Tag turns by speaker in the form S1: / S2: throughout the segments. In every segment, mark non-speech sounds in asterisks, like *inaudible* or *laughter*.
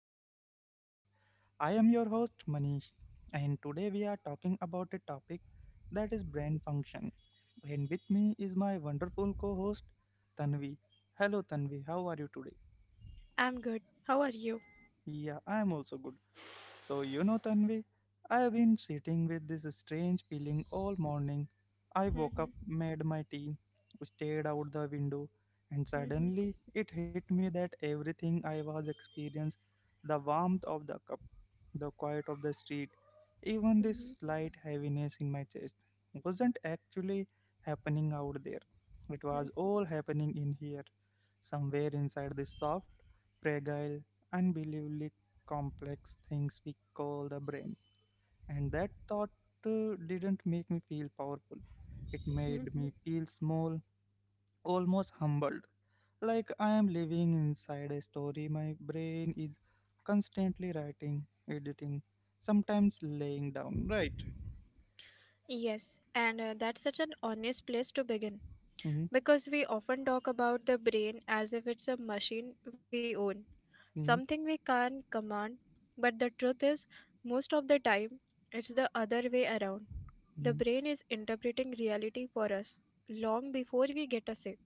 S1: to the podcast. I am your host, Manish, and today we are talking about a topic that is brain function. And with me is my wonderful co host, Tanvi. Hello, Tanvi, how are you today?
S2: I'm good. How are you?
S1: Yeah, I am also good. So, you know, Tanvi, I have been sitting with this strange feeling all morning. I woke
S2: Mhm,
S1: up, made my tea, stared out the window, and
S2: mhm,
S1: suddenly it hit me that everything I was experiencing, the warmth of the cup, the quiet of the street, even this
S2: mhm,
S1: slight heaviness in my chest, wasn't actually happening out there. It
S2: mhm.
S1: was all happening in here, somewhere inside this soft, fragile, unbelievably complex things we call the brain. And that thought didn't make me feel powerful. It made me feel small, almost humbled. Like I am living inside a story my brain is constantly writing, editing, sometimes laying down, right?
S2: Yes, and that's such an honest place to begin,
S1: Mm-hmm,
S2: because we often talk about the brain as if it's a machine we own,
S1: mm-hmm,
S2: something we can't command, but the truth is, most of the time, it's the other way around. The
S1: mm-hmm,
S2: brain is interpreting reality for us long before we get a say.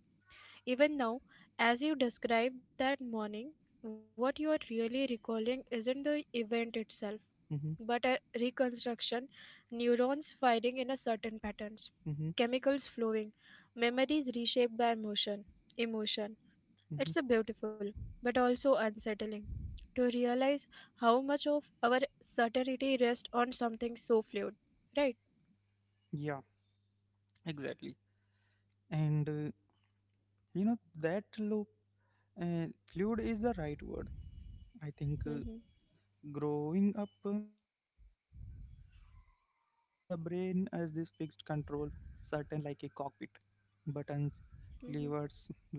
S2: Even now, as you described that morning, what you are really recalling isn't the event itself but
S1: mm-hmm,
S2: a reconstruction, neurons firing in a certain patterns,
S1: mm-hmm,
S2: chemicals flowing, memories reshaped by emotion, emotion.
S1: mm-hmm.
S2: It's a beautiful, but also unsettling, to realize how much of our certainty rests on something so fluid, right?
S1: Yeah, exactly. And you know, that loop, uh, fluid is the right word. I think,
S2: Hmm.
S1: growing up, I imagined the brain as this fixed control, certain like a cockpit, buttons, levers,
S2: Hmm.
S1: logic.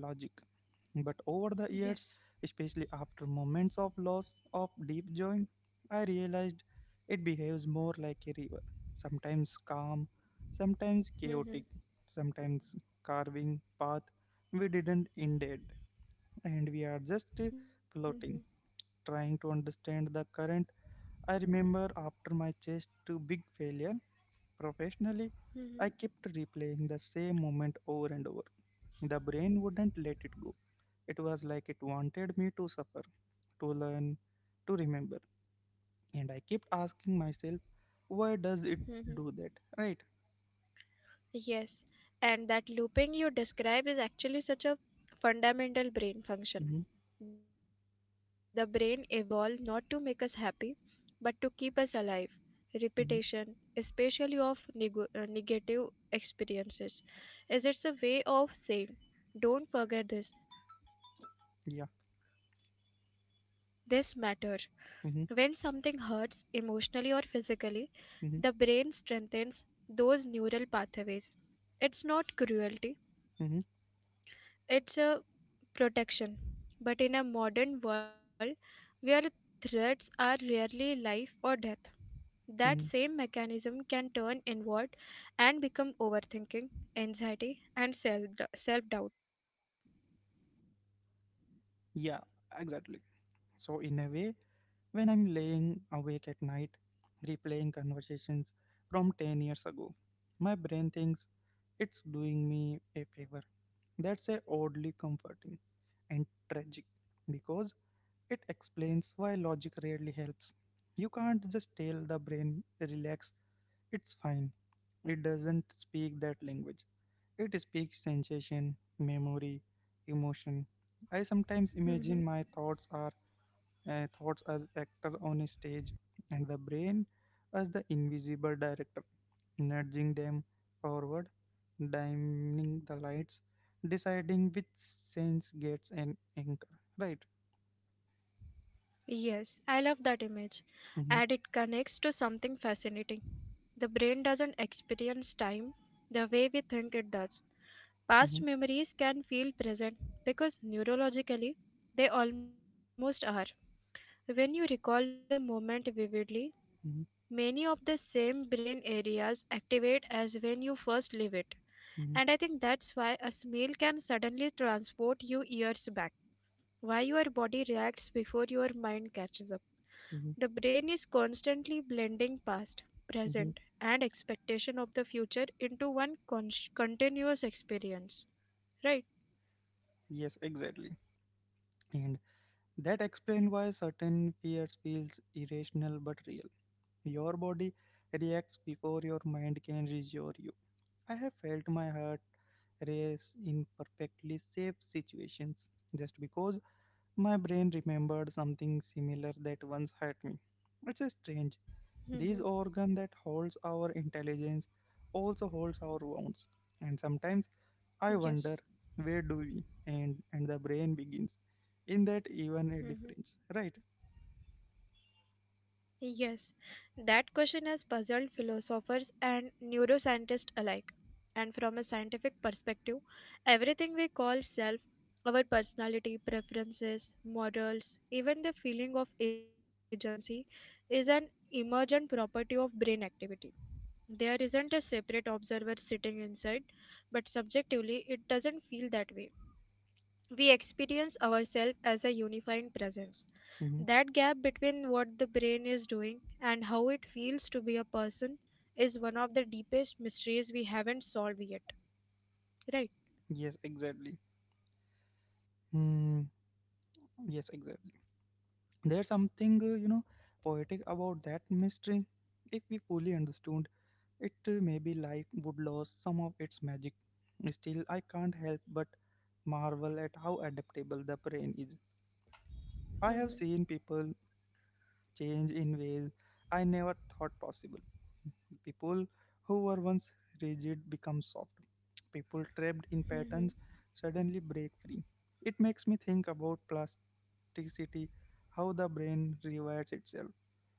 S1: But over the years,
S2: Yes.
S1: especially after moments of loss of deep joy, I realized it behaves more like a river, sometimes calm, sometimes chaotic,
S2: Hmm.
S1: sometimes carving path we didn't intend, and we are just
S2: Hmm.
S1: floating, trying to understand the current. I remember after my chest to big failure professionally,
S2: Hmm.
S1: I kept replaying the same moment over and over. The brain wouldn't let it go. It was like it wanted me to suffer, to learn, to remember. And I kept asking myself, why does it
S2: Hmm.
S1: do that? Right?
S2: Yes, and that looping you describe is actually such a fundamental brain
S1: Hmm.
S2: function. The brain evolved not to make us happy, but to keep us alive.
S1: Hmm.
S2: Repetition, especially of negative experiences, is it's a way of saying, don't forget this,
S1: Yeah.
S2: this matters.
S1: Hmm.
S2: When something hurts emotionally or physically,
S1: Hmm.
S2: the brain strengthens those neural pathways. It's not cruelty,
S1: Hmm.
S2: it's a protection. But in a modern world where threats are rarely life or death, that
S1: Hmm.
S2: same mechanism can turn inward and become overthinking, anxiety, and self doubt.
S1: Yeah, exactly. So, in a way, when I'm laying awake at night, replaying conversations from 10 years ago. My brain thinks it's doing me a favor. That's a oddly comforting and tragic because it explains why logic rarely helps. You can't just tell the brain, relax, it's fine. It doesn't speak that language. It speaks sensation, memory, emotion. I sometimes imagine
S2: Hmm.
S1: my thoughts are thoughts as actor on a stage and the brain as the invisible director nudging them forward, dimming the lights, deciding which sense gets an anchor, right?
S2: Yes, I love that image.
S1: Hmm.
S2: And it connects to something fascinating. The brain doesn't experience time the way we think it does.
S1: Hmm.
S2: Past memories can feel present because neurologically they almost are. When you recall a moment vividly, many of
S1: Hmm.
S2: the same brain areas activate as when you first live it. And I think that's
S1: Hmm.
S2: why a smell can suddenly transport you years back, why your body reacts before your mind catches up. The
S1: Hmm.
S2: brain is constantly blending past, present,
S1: Hmm.
S2: and expectation of the future into one continuous experience. Right?
S1: Yes, exactly. And that explains why certain fears feels irrational but real. Your body reacts before your mind can reassure you. I have felt my heart race in perfectly safe situations just because my brain remembered something similar that once hurt me. It's a strange. This
S2: Hmm.
S1: organ that holds our intelligence also holds our wounds. And sometimes I wonder
S2: Yes.
S1: where do we and the brain begins. In that even a difference,
S2: Mhm.
S1: right?
S2: Yes, that question has puzzled philosophers and neuroscientists alike. And from a scientific perspective, everything we call self, our personality, preferences, morals, even the feeling of agency, is an emergent property of brain activity. There isn't a separate observer sitting inside, but subjectively, it doesn't feel that way. We experience ourselves as a unifying presence.
S1: Hmm.
S2: That gap between what the brain is doing and how it feels to be a person is one of the deepest mysteries we haven't solved yet. Right?
S1: Yes, exactly. Hmm. Yes, exactly. There's something, you know, poetic about that mystery. If we fully understood it, maybe life would lose some of its magic. Still, I can't help but marvel at how adaptable the brain is. I have
S2: Hmm.
S1: seen people change in ways I never thought possible. People who were once rigid become soft. People trapped in
S2: Hmm.
S1: patterns suddenly break free. It makes me think about plasticity, how the brain rewires itself.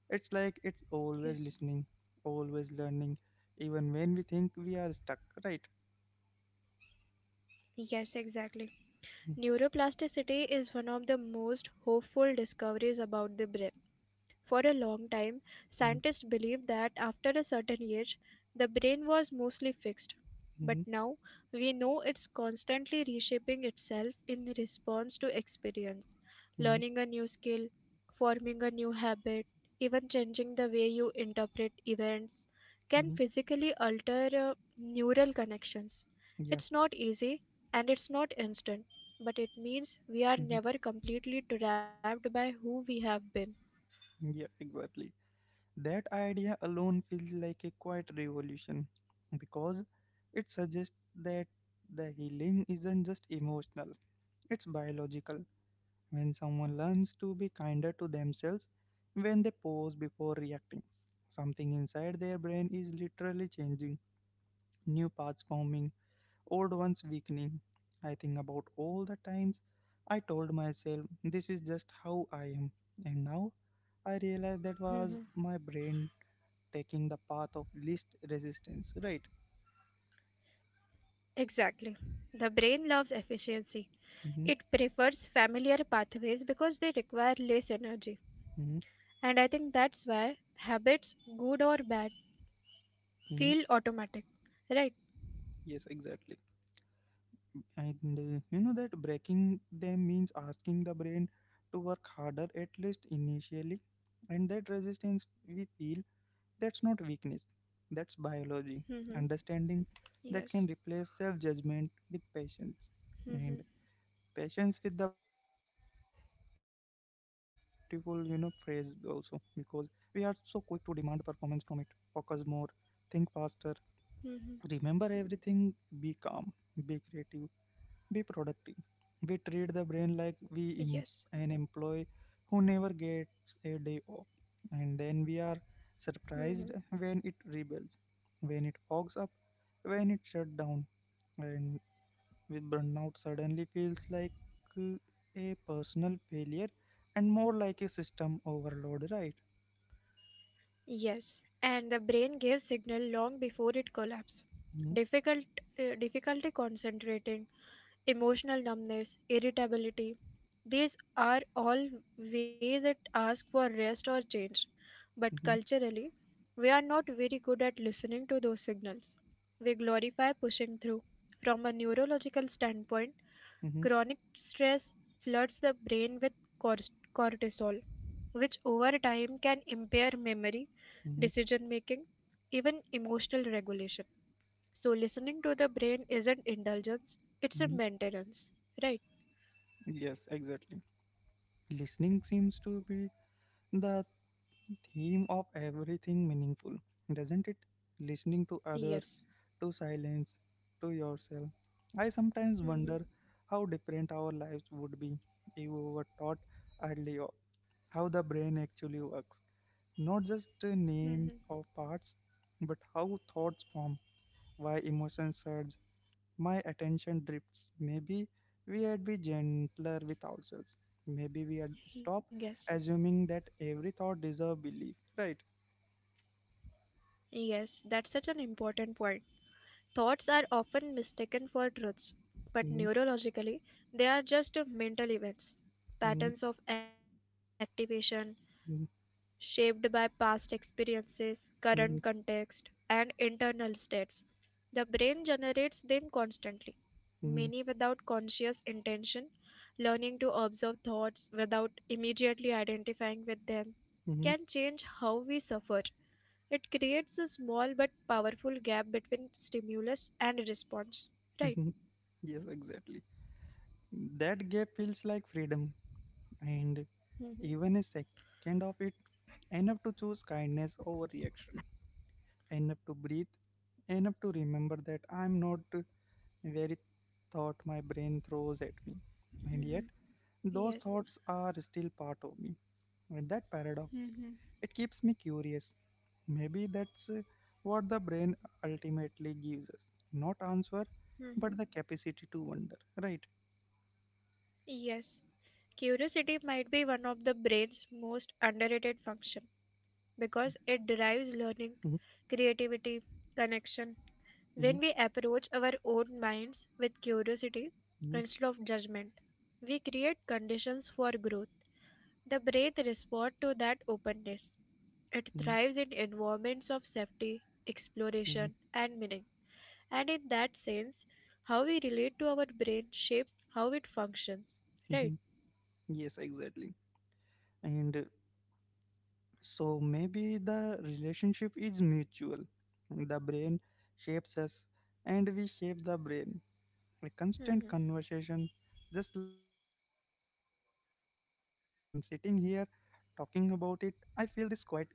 S1: It's like it's always
S2: Yes.
S1: listening, always learning, even when we think we are stuck, right?
S2: Yes, exactly. Neuroplasticity is one of the most hopeful discoveries about the brain. For a long time,
S1: Mm-hmm,
S2: scientists believed that after a certain age, the brain was mostly fixed. But
S1: mm-hmm,
S2: now, we know it's constantly reshaping itself in response to experience.
S1: mm-hmm,
S2: Learning a new skill, forming a new habit, even changing the way you interpret events can
S1: mm-hmm.
S2: physically alter neural connections.
S1: Yeah,
S2: It's not easy and it's not instant, but it means we are
S1: mm-hmm.
S2: never completely trapped by who we have been.
S1: Yeah, exactly. That idea alone feels like a quiet revolution because it suggests that the healing isn't just emotional, it's biological. When someone learns to be kinder to themselves, when they pause before reacting, something inside their brain is literally changing, new paths forming, old ones weakening. I think about all the times I told myself this is just how I am, and now I realize
S2: *laughs*
S1: that was my brain taking the path of least resistance, right?
S2: Exactly. The brain loves efficiency. It
S1: Mm-hmm,
S2: prefers familiar pathways because they require less energy.
S1: mm-hmm,
S2: And I think that's why habits, good or bad,
S1: mm-hmm.
S2: feel automatic. Right?
S1: Yes, exactly. And you know that breaking them means asking the brain to work harder, at least initially, and that resistance we feel, that's not weakness, that's biology,
S2: Mm-hmm.
S1: understanding that
S2: Yes.
S1: can replace self judgment with patience.
S2: Mm-hmm.
S1: And patience with the brain, that's a beautiful, you know, phrase also because we are so quick to demand performance from it. Focus more, think
S2: Mm-hmm.
S1: faster, remember everything, be calm, be creative. Be productive. We treat the brain like
S2: Yes.
S1: we an employee who never gets a day off, and then we are
S2: Mm-hmm.
S1: surprised when it rebels, when it fogs up, when it shuts down, and with burnout suddenly feels like uh, a personal failure and more like a system overload, right?
S2: Yes. And the brain gives signal long before it collapses.
S1: Hmm.
S2: Difficult, difficulty concentrating, emotional numbness, irritability. These are all ways that ask for rest or change. But
S1: Hmm.
S2: culturally, we are not very good at listening to those signals. We glorify pushing through. From a neurological standpoint,
S1: Hmm.
S2: chronic stress floods the brain with cors- cortisol, which over time can impair memory,
S1: Hmm.
S2: decision making, even emotional regulation. So listening to the brain isn't indulgence, it's a
S1: Hmm.
S2: maintenance, right?
S1: Yes, exactly. Listening seems to be the theme of everything meaningful, doesn't it? Listening to others,
S2: Yes.
S1: to silence, to yourself. I sometimes wonder
S2: Mm-hmm.
S1: how different our lives would be if we were taught early on how the brain actually works. Not just the names
S2: Mm-hmm.
S1: of parts, but how thoughts form, why emotions surge, my attention drifts. Maybe we had be gentler with ourselves. Maybe we had stop
S2: Yes.
S1: assuming that every thought deserves belief. Right?
S2: Yes, that's such an important point. Thoughts are often mistaken for truths,
S1: Mhm,
S2: but neurologically, they are just mental
S1: mhm,
S2: events, patterns of activation,
S1: mhm,
S2: shaped by past experiences,
S1: mhm,
S2: current context, and internal states, the brain generates them constantly,
S1: mhm,
S2: many without conscious intention, learning to observe thoughts without immediately identifying with them
S1: mhm,
S2: can change how we suffer. It creates a small but powerful gap between stimulus and response.
S1: mhm.
S2: Right.
S1: Yes, exactly. That gap feels like freedom, and even a
S2: Mhm.
S1: second of it, enough to choose kindness over reaction, enough to breathe, enough to remember that I'm not very thought my brain throws at me. And yet,
S2: Mhm.
S1: those
S2: Yes.
S1: thoughts are still part of me, and that paradox.
S2: Mhm.
S1: It keeps me curious. Maybe that's what the brain ultimately gives us, not answer,
S2: Mhm.
S1: but the capacity to wonder, right?
S2: Yes, curiosity might be one of the brain's most underrated function because it
S1: Hmm.
S2: drives learning, creativity, connection.
S1: Hmm.
S2: When we approach our own minds with curiosity
S1: Hmm.
S2: instead of judgment, we create conditions for growth. The brain responds to that openness. It
S1: Hmm.
S2: thrives in environments of safety, exploration,
S1: Hmm.
S2: and meaning. And in that sense, how we relate to our brain shapes how it functions,
S1: Hmm.
S2: right?
S1: Yes, exactly. And so maybe the relationship is mutual. The brain shapes us, and we shape the brain. A constant
S2: Mm-hmm.
S1: conversation, just like this one. And sitting here talking about it, I feel this quiet gratitude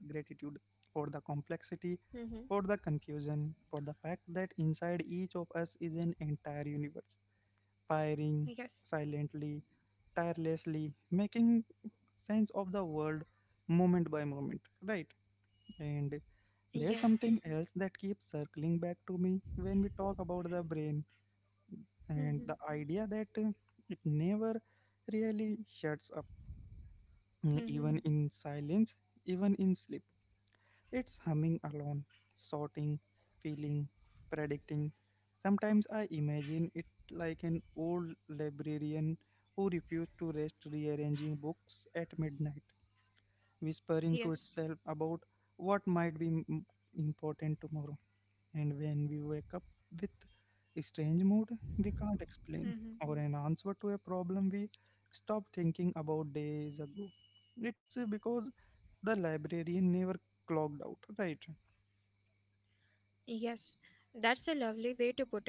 S1: for the complexity,
S2: Mm-hmm.
S1: for the confusion, for the fact that inside each of us is an entire universe, firing
S2: Yes.
S1: silently, tirelessly, making sense of the world moment by moment, right? And
S2: Yes.
S1: there's something else that keeps circling back to me when we talk about the brain and
S2: Mm-hmm.
S1: the idea that it never really shuts up,
S2: Mm-hmm.
S1: even in silence, even in sleep. It's humming alone, sorting, feeling, predicting. Sometimes I imagine it like an old librarian who refused to rest rearranging books at midnight, whispering to
S2: Yes.
S1: itself about what might be important tomorrow. And when we wake up with a strange mood, we can't explain
S2: Mm-hmm.
S1: or an answer to a problem we stopped thinking about days ago. It's because the librarian never clocked out, right?
S2: Yes. That's a lovely way to put it.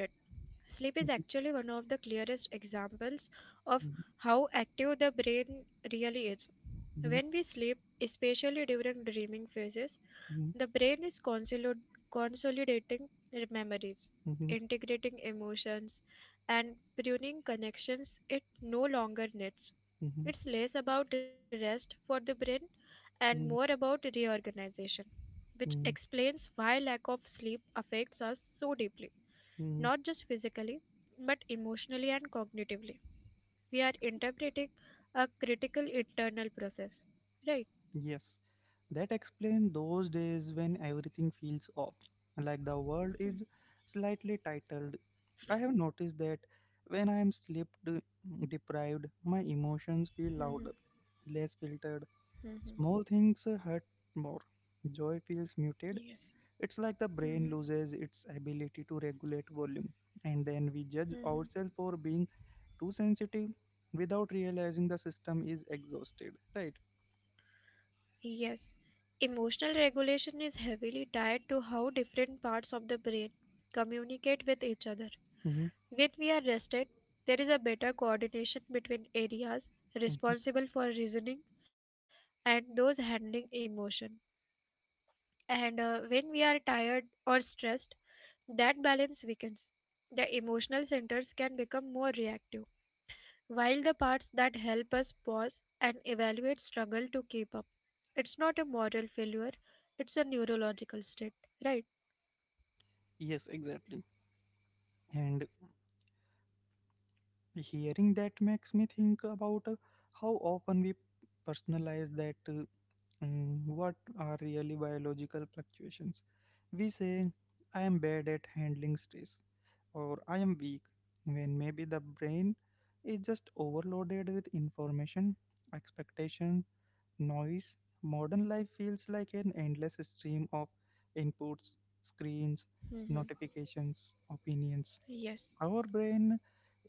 S2: Sleep is actually one of the clearest examples of
S1: Mhm,
S2: how active the brain really is.
S1: mhm,
S2: When we sleep, especially during dreaming phases,
S1: mhm,
S2: the brain is consolidating memories, integrating emotions, and pruning connections it no longer needs.
S1: mhm,
S2: It's less about rest for the brain and
S1: mhm,
S2: more about reorganization, which
S1: mhm,
S2: explains why lack of sleep affects us so deeply,
S1: mhm.
S2: not just physically but emotionally and cognitively. We are interpreting a critical internal process, right?
S1: Yes, that explains those days when everything feels off, like the world is slightly titled. I have noticed that when I am sleep deprived, my emotions feel
S2: Mhm,
S1: louder, less filtered.
S2: mhm.
S1: Small things hurt more. Joy feels muted.
S2: Yes.
S1: It's like the brain
S2: Mhm,
S1: loses its ability to regulate volume, and then we judge
S2: mhm.
S1: ourselves for being too sensitive without realizing the system is exhausted, right?
S2: Yes. Emotional regulation is heavily tied to how different parts of the brain communicate with each other.
S1: Hmm.
S2: When we are rested, there is a better coordination between areas
S1: Hmm.
S2: responsible for reasoning and those handling emotion. And when we are tired or stressed, that balance weakens. The emotional centers can become more reactive, while the parts that help us pause and evaluate struggle to keep up. It's not a moral failure, it's a neurological state, right?
S1: Yes, exactly. And hearing that makes me think about how often we personalize that, what are really biological fluctuations. We say I am bad at handling stress or I am weak, when maybe the brain is just overloaded with information, expectation, noise. Modern life feels like an endless stream of inputs, screens,
S2: Hmm.
S1: notifications, opinions. Our
S2: Yes.
S1: brain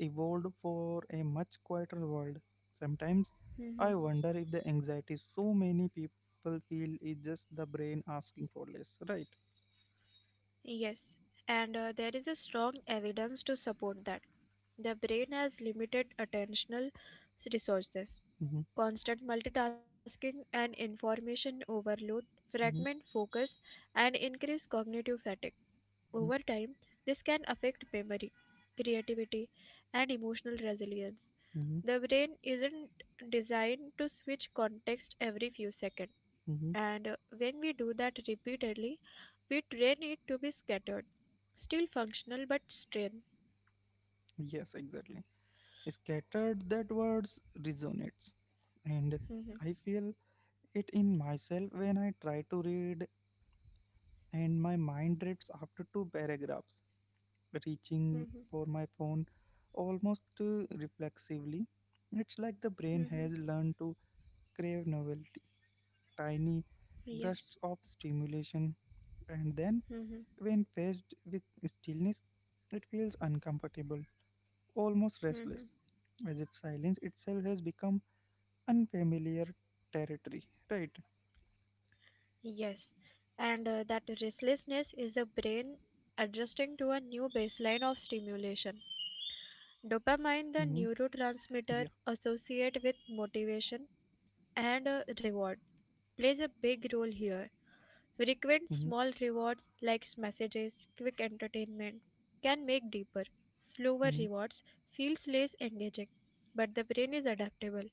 S1: evolved for a much quieter world. Sometimes I
S2: Mm-hmm.
S1: wonder if the anxiety so many people feel is just the brain asking for less, right?
S2: Yes, and there is a strong evidence to support that. The brain has limited attentional resources.
S1: Mm-hmm,
S2: Constant multitasking and information overload
S1: mm-hmm,
S2: fragment focus and increase cognitive fatigue. Over time, this can affect memory, creativity, and emotional resilience.
S1: mm-hmm, mm-hmm,
S2: The brain isn't designed to switch context every few seconds.
S1: mm-hmm.
S2: And when we do that repeatedly, we train it to be scattered, still functional but strained.
S1: Yes, exactly. Scattered, that words resonates, and I
S2: Mhm,
S1: feel it in myself when I try to read, and my mind drifts after two paragraphs, reaching
S2: mhm,
S1: for my phone almost reflexively. It's like the brain has
S2: mhm.
S1: learned to crave novelty, tiny bursts
S2: Yes.
S1: of stimulation, and then,
S2: Mhm,
S1: when faced with stillness, it feels uncomfortable, almost restless,
S2: mhm.
S1: as if silence itself has become unfamiliar territory, right?
S2: Yes. And that restlessness is the brain adjusting to a new baseline of stimulation.
S1: Hmm.
S2: Dopamine,
S1: Yeah.
S2: the neurotransmitter associated with motivation, and reward, plays a big role here. Frequent
S1: Hmm.
S2: small rewards like messages, quick entertainment, can make deeper, slower
S1: Hmm.
S2: rewards feels less engaging, but the brain is adaptable.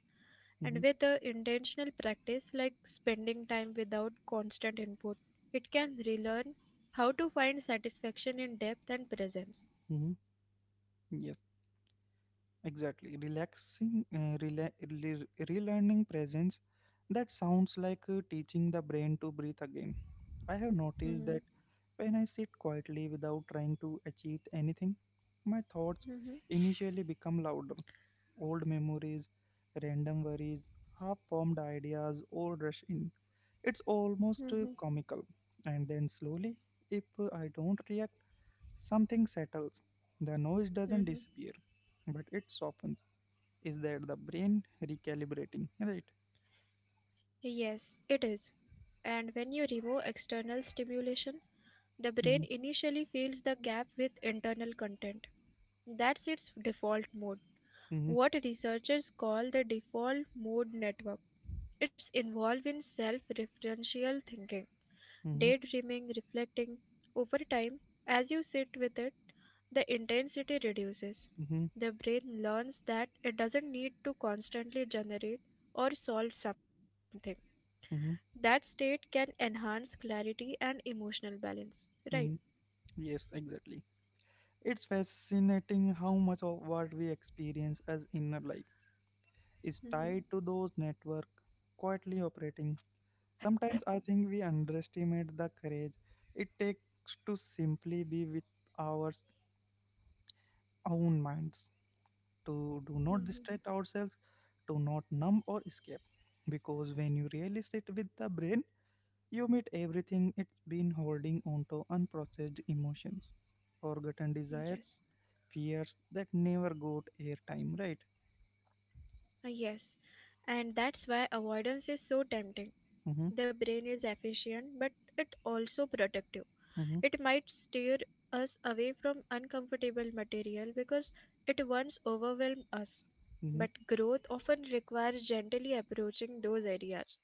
S1: Hmm.
S2: And with the intentional practice like spending time without constant input, it can relearn how to find satisfaction in depth and presence.
S1: Hmm. Yes, exactly. Relearning presence. That sounds like teaching the brain to breathe again. I have noticed
S2: Mhm,
S1: that when I sit quietly without trying to achieve anything, my thoughts
S2: mhm,
S1: initially become louder. Old memories, random worries, half formed ideas all rush in. It's almost
S2: mhm,
S1: comical. And then slowly, if I don't react, something settles. The noise doesn't
S2: mhm.
S1: disappear, but it softens. Is that the brain recalibrating, right?
S2: Yes, it is. And when you remove external stimulation, the brain
S1: Mhm,
S2: initially fills the gap with internal content. That's its default mode,
S1: mhm,
S2: what researchers call the default mode network. It's involved in self referential thinking,
S1: mhm,
S2: daydreaming, reflecting. Over time, as you sit with it, the intensity reduces.
S1: mhm,
S2: The brain learns that it doesn't need to constantly generate or solve something.
S1: mhm,
S2: That state can enhance clarity and emotional balance.
S1: mhm.
S2: Right.
S1: Yes, exactly. It's fascinating how much of what we experience as inner life is tied to
S2: Hmm.
S1: those network quietly operating. Sometimes I think we underestimate the courage it takes to simply be with our own minds, to do not distract ourselves, to not numb or escape. Because when you really sit with the brain, you meet everything it's been holding onto unprocessed emotions, forgotten desires,
S2: Yes.
S1: fears that never got airtime, right?
S2: Yes, and that's why avoidance is so tempting.
S1: Mm-hmm,
S2: The brain is efficient, but it also protective.
S1: mm-hmm,
S2: It might steer us away from uncomfortable material because it once overwhelmed us.
S1: mm-hmm,
S2: But growth often requires gently approaching those areas,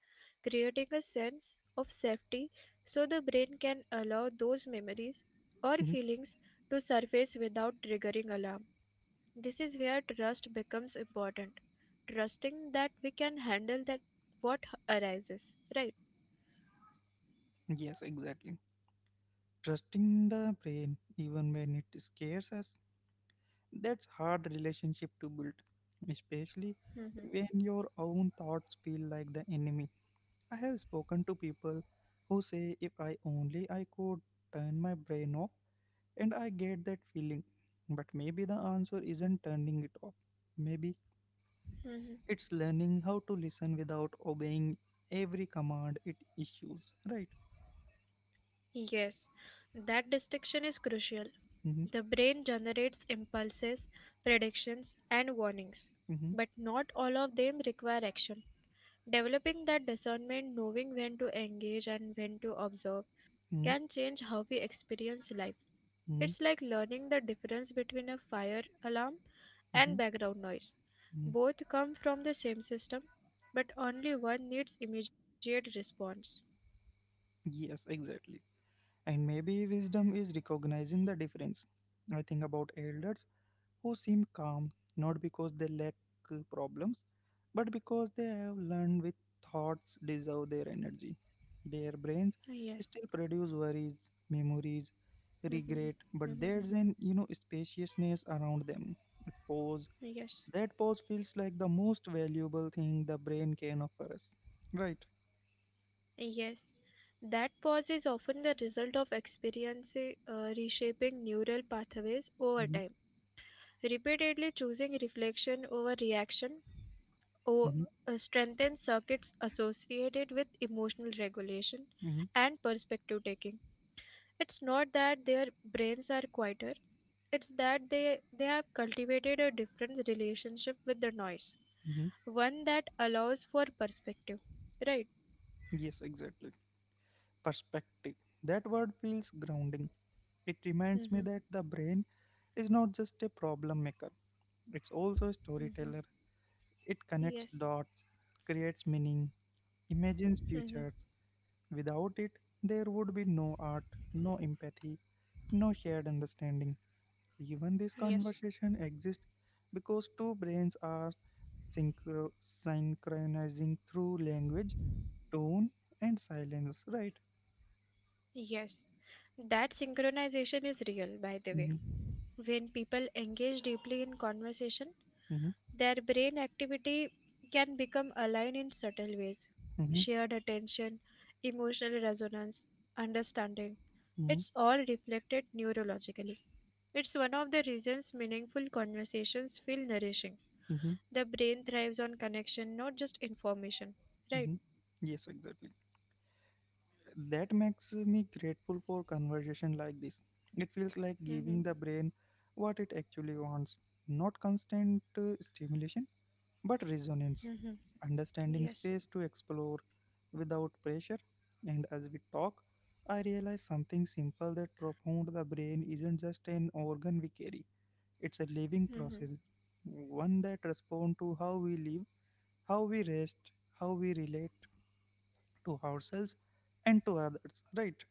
S2: creating a sense of safety so the brain can allow those
S1: mm-hmm.
S2: memories or feelings to surface without triggering alarm. This is where trust becomes important. Trusting that we can handle that what arises, right?
S1: Yes, exactly. Trusting the brain even when it scares us, that's hard relationship to build, especially
S2: Hmm.
S1: when your own thoughts feel like the enemy. I have spoken to people who say if I only I could turn my brain off, and I get that feeling. But maybe the answer isn't turning it off. Maybe
S2: Hmm.
S1: it's learning how to listen without obeying every command it issues, right?
S2: Yes, that distinction is crucial.
S1: Mm-hmm,
S2: The brain generates impulses, predictions, and warnings,
S1: mm-hmm,
S2: but not all of them require action. Developing that discernment, knowing when to engage and when to observe,
S1: mm-hmm,
S2: can change how we experience life.
S1: mm-hmm,
S2: It's like learning the difference between a fire alarm
S1: mm-hmm.
S2: and background noise. Both come from the same system, but only one needs immediate response.
S1: Yes, exactly. And maybe wisdom is recognizing the difference. I think about elders who seem calm, not because they lack problems, but because they have learned with thoughts deserve their energy. Their brains
S2: Yes.
S1: still produce worries, memories,
S2: Mhm.
S1: regret, but
S2: Mhm.
S1: there's an you know spaciousness around them. A pause.
S2: Yes.
S1: That pause feels like the most valuable thing the brain can offer us. Right.
S2: Yes. That pause is often the result of experience reshaping neural pathways over
S1: Mm-hmm.
S2: time. Repeatedly choosing reflection over reaction or,
S1: Mm-hmm.
S2: strengthens circuits associated with emotional regulation
S1: Mm-hmm.
S2: and perspective taking. It's not that their brains are quieter, it's that they have cultivated a different relationship with the noise,
S1: Mm-hmm.
S2: one that allows for perspective. Right?
S1: Yes, exactly. Perspective. That word feels grounding. It reminds me that
S2: Mm-hmm.
S1: the brain is not just a problem maker, it's also a
S2: Mm-hmm.
S1: storyteller. It connects
S2: Yes.
S1: dots, creates meaning, imagines
S2: Mm-hmm.
S1: futures. Without it, there would be no art, no empathy, no shared understanding. Even this
S2: Yes.
S1: conversation exists because two brains are synchronizing through language, tone, and silence, right?
S2: Yes. That synchronization is real, by the way.
S1: Mm-hmm,
S2: When people engage deeply in conversation,
S1: mm-hmm,
S2: their brain activity can become aligned in subtle ways.
S1: mm-hmm,
S2: Shared attention, emotional resonance, understanding.
S1: mm-hmm,
S2: It's all reflected neurologically. It's one of the reasons meaningful conversations feel nourishing.
S1: mm-hmm.
S2: The brain thrives on connection, not just information. Right?
S1: Mhm. Yes, exactly. That makes me grateful for conversation like this. It feels like
S2: Hmm.
S1: giving the brain what it actually wants, not constant stimulation, but resonance,
S2: Hmm.
S1: understanding
S2: Yes.
S1: space to explore without pressure. And as we talk, I realize something simple that profound the brain isn't just an organ we carry, it's a living
S2: Hmm.
S1: process, one that responds to how we live, how we rest, how we relate to ourselves and to others, right?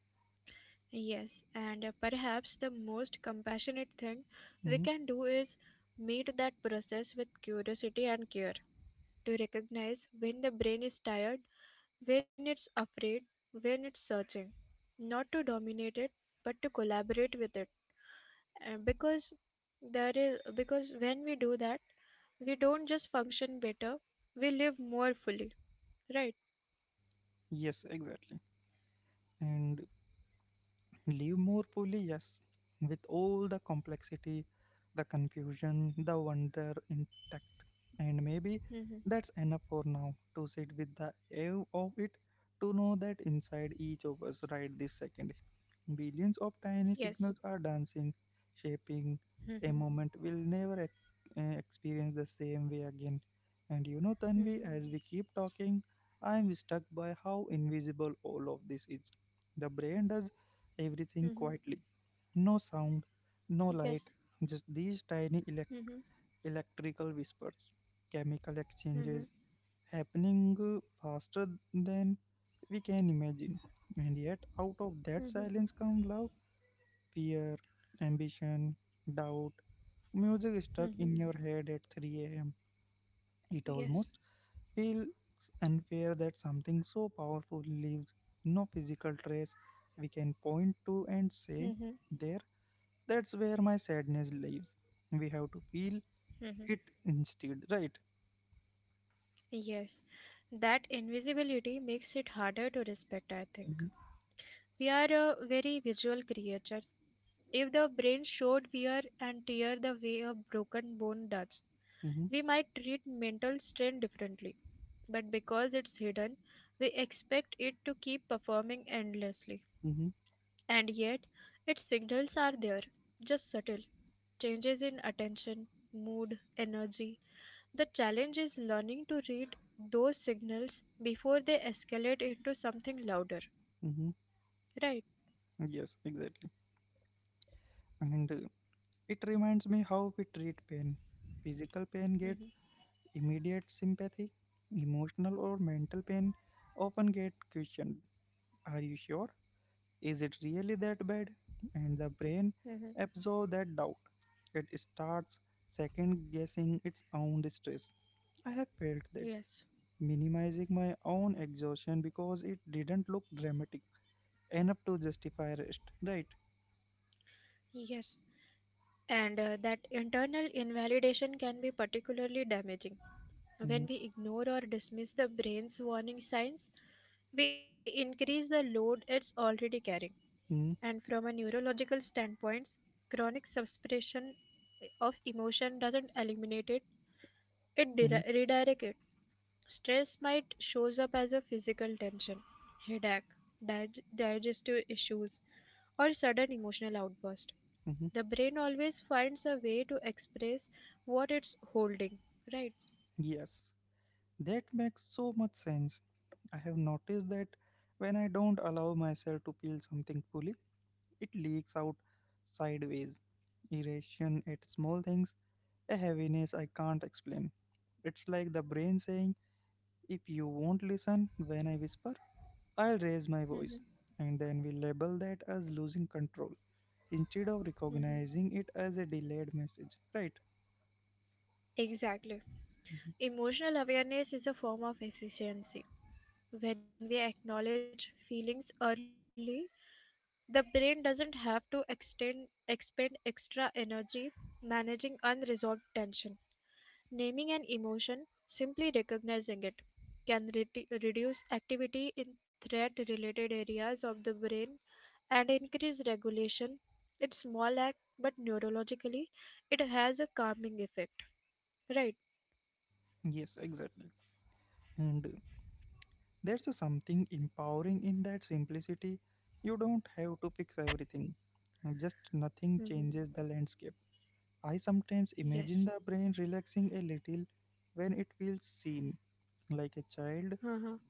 S2: Yes. And perhaps the most compassionate thing we
S1: Mhm.
S2: can do is meet that process with curiosity and care, to recognize when the brain is tired, when it's afraid, when it's searching, not to dominate it, but to collaborate with it. And because there is because when we do that, we don't just function better, we live more fully, right?
S1: Yes, exactly. And live more fully, yes, with all the complexity, the confusion, the wonder intact. And maybe
S2: Mm-hmm.
S1: that's enough for now to sit with the awe of it, to know that inside each of us right this second, billions of
S2: Yes.
S1: tiny signals are dancing, shaping
S2: Mm-hmm.
S1: a moment we'll never experience the same way again. And you know,
S2: Mm-hmm.
S1: Tanvi, as we keep talking, I'm struck by how invisible all of this is. The brain does
S2: Mm-hmm.
S1: everything quietly. No sound,
S2: Yes.
S1: no light, just these
S2: Mm-hmm.
S1: electrical whispers, chemical
S2: Mm-hmm.
S1: exchanges happening faster than we can imagine. And yet, out of
S2: Mm-hmm.
S1: that silence come love, fear, ambition, doubt, music stuck
S2: Mm-hmm.
S1: in your head at 3 a.m. It almost
S2: Yes.
S1: feels unfair that something so powerful leaves no physical trace we can point to
S2: Mm-hmm.
S1: and say, there. That's where my sadness lives. We have to feel
S2: Mm-hmm.
S1: it instead, right?
S2: Yes. That invisibility makes it harder to respect, I think.
S1: Hmm.
S2: We are a very visual creatures. If the brain showed wear and tear the way a broken bone does,
S1: Hmm.
S2: we might treat mental strain differently. But because it's hidden, we expect it to keep performing endlessly.
S1: Hmm.
S2: And yet, its signals are there, just subtle. Changes in attention, mood, energy. The challenge is learning to read those signals before they escalate into something louder,
S1: Hmm.
S2: right?
S1: Yes, exactly. And it reminds me how we treat pain. Physical pain gets immediate sympathy. Emotional or mental pain often get questioned. Are you sure? Is it really that bad? And the brain
S2: Mhm.
S1: absorbs that doubt. It starts second guessing its own distress. I have felt that,
S2: Yes,
S1: minimizing my own exhaustion because it didn't look dramatic enough to justify rest, right?
S2: yes. And that internal invalidation can be particularly damaging.
S1: Hmm.
S2: When we ignore or dismiss the brain's warning signs, we increase the load it's already carrying.
S1: Hmm.
S2: And from a neurological standpoint, chronic suppression of emotion doesn't eliminate it, it
S1: Hmm.
S2: redirects it. Stress might shows up as a physical tension, headache, digestive issues, or sudden emotional outburst.
S1: Hmm.
S2: The brain always finds a way to express what it's holding, right?
S1: Yes, that makes so much sense. I have noticed that when I don't allow myself to feel something fully, it leaks out sideways, irritation at small things, a heaviness I can't explain. It's like the brain saying, if you won't listen when I whisper, I'll raise my voice.
S2: Mhm,
S1: And then we label that as losing control instead of
S2: mhm.
S1: recognizing it as a delayed message, right?
S2: Exactly.
S1: Mhm.
S2: Emotional awareness is a form of efficiency. When we acknowledge feelings early, the brain doesn't have to expend extra energy managing unresolved tension. Naming an emotion, simply recognizing it, can reduce activity in threat related areas of the brain and increase regulation. It's small act, but neurologically, it has a calming effect. Right?
S1: Yes, exactly. And there's a something empowering in that simplicity. You don't have to fix everything, just nothing changes
S2: Hmm.
S1: the landscape. I sometimes imagine the
S2: Yes.
S1: brain relaxing a little when it feels seen, like a child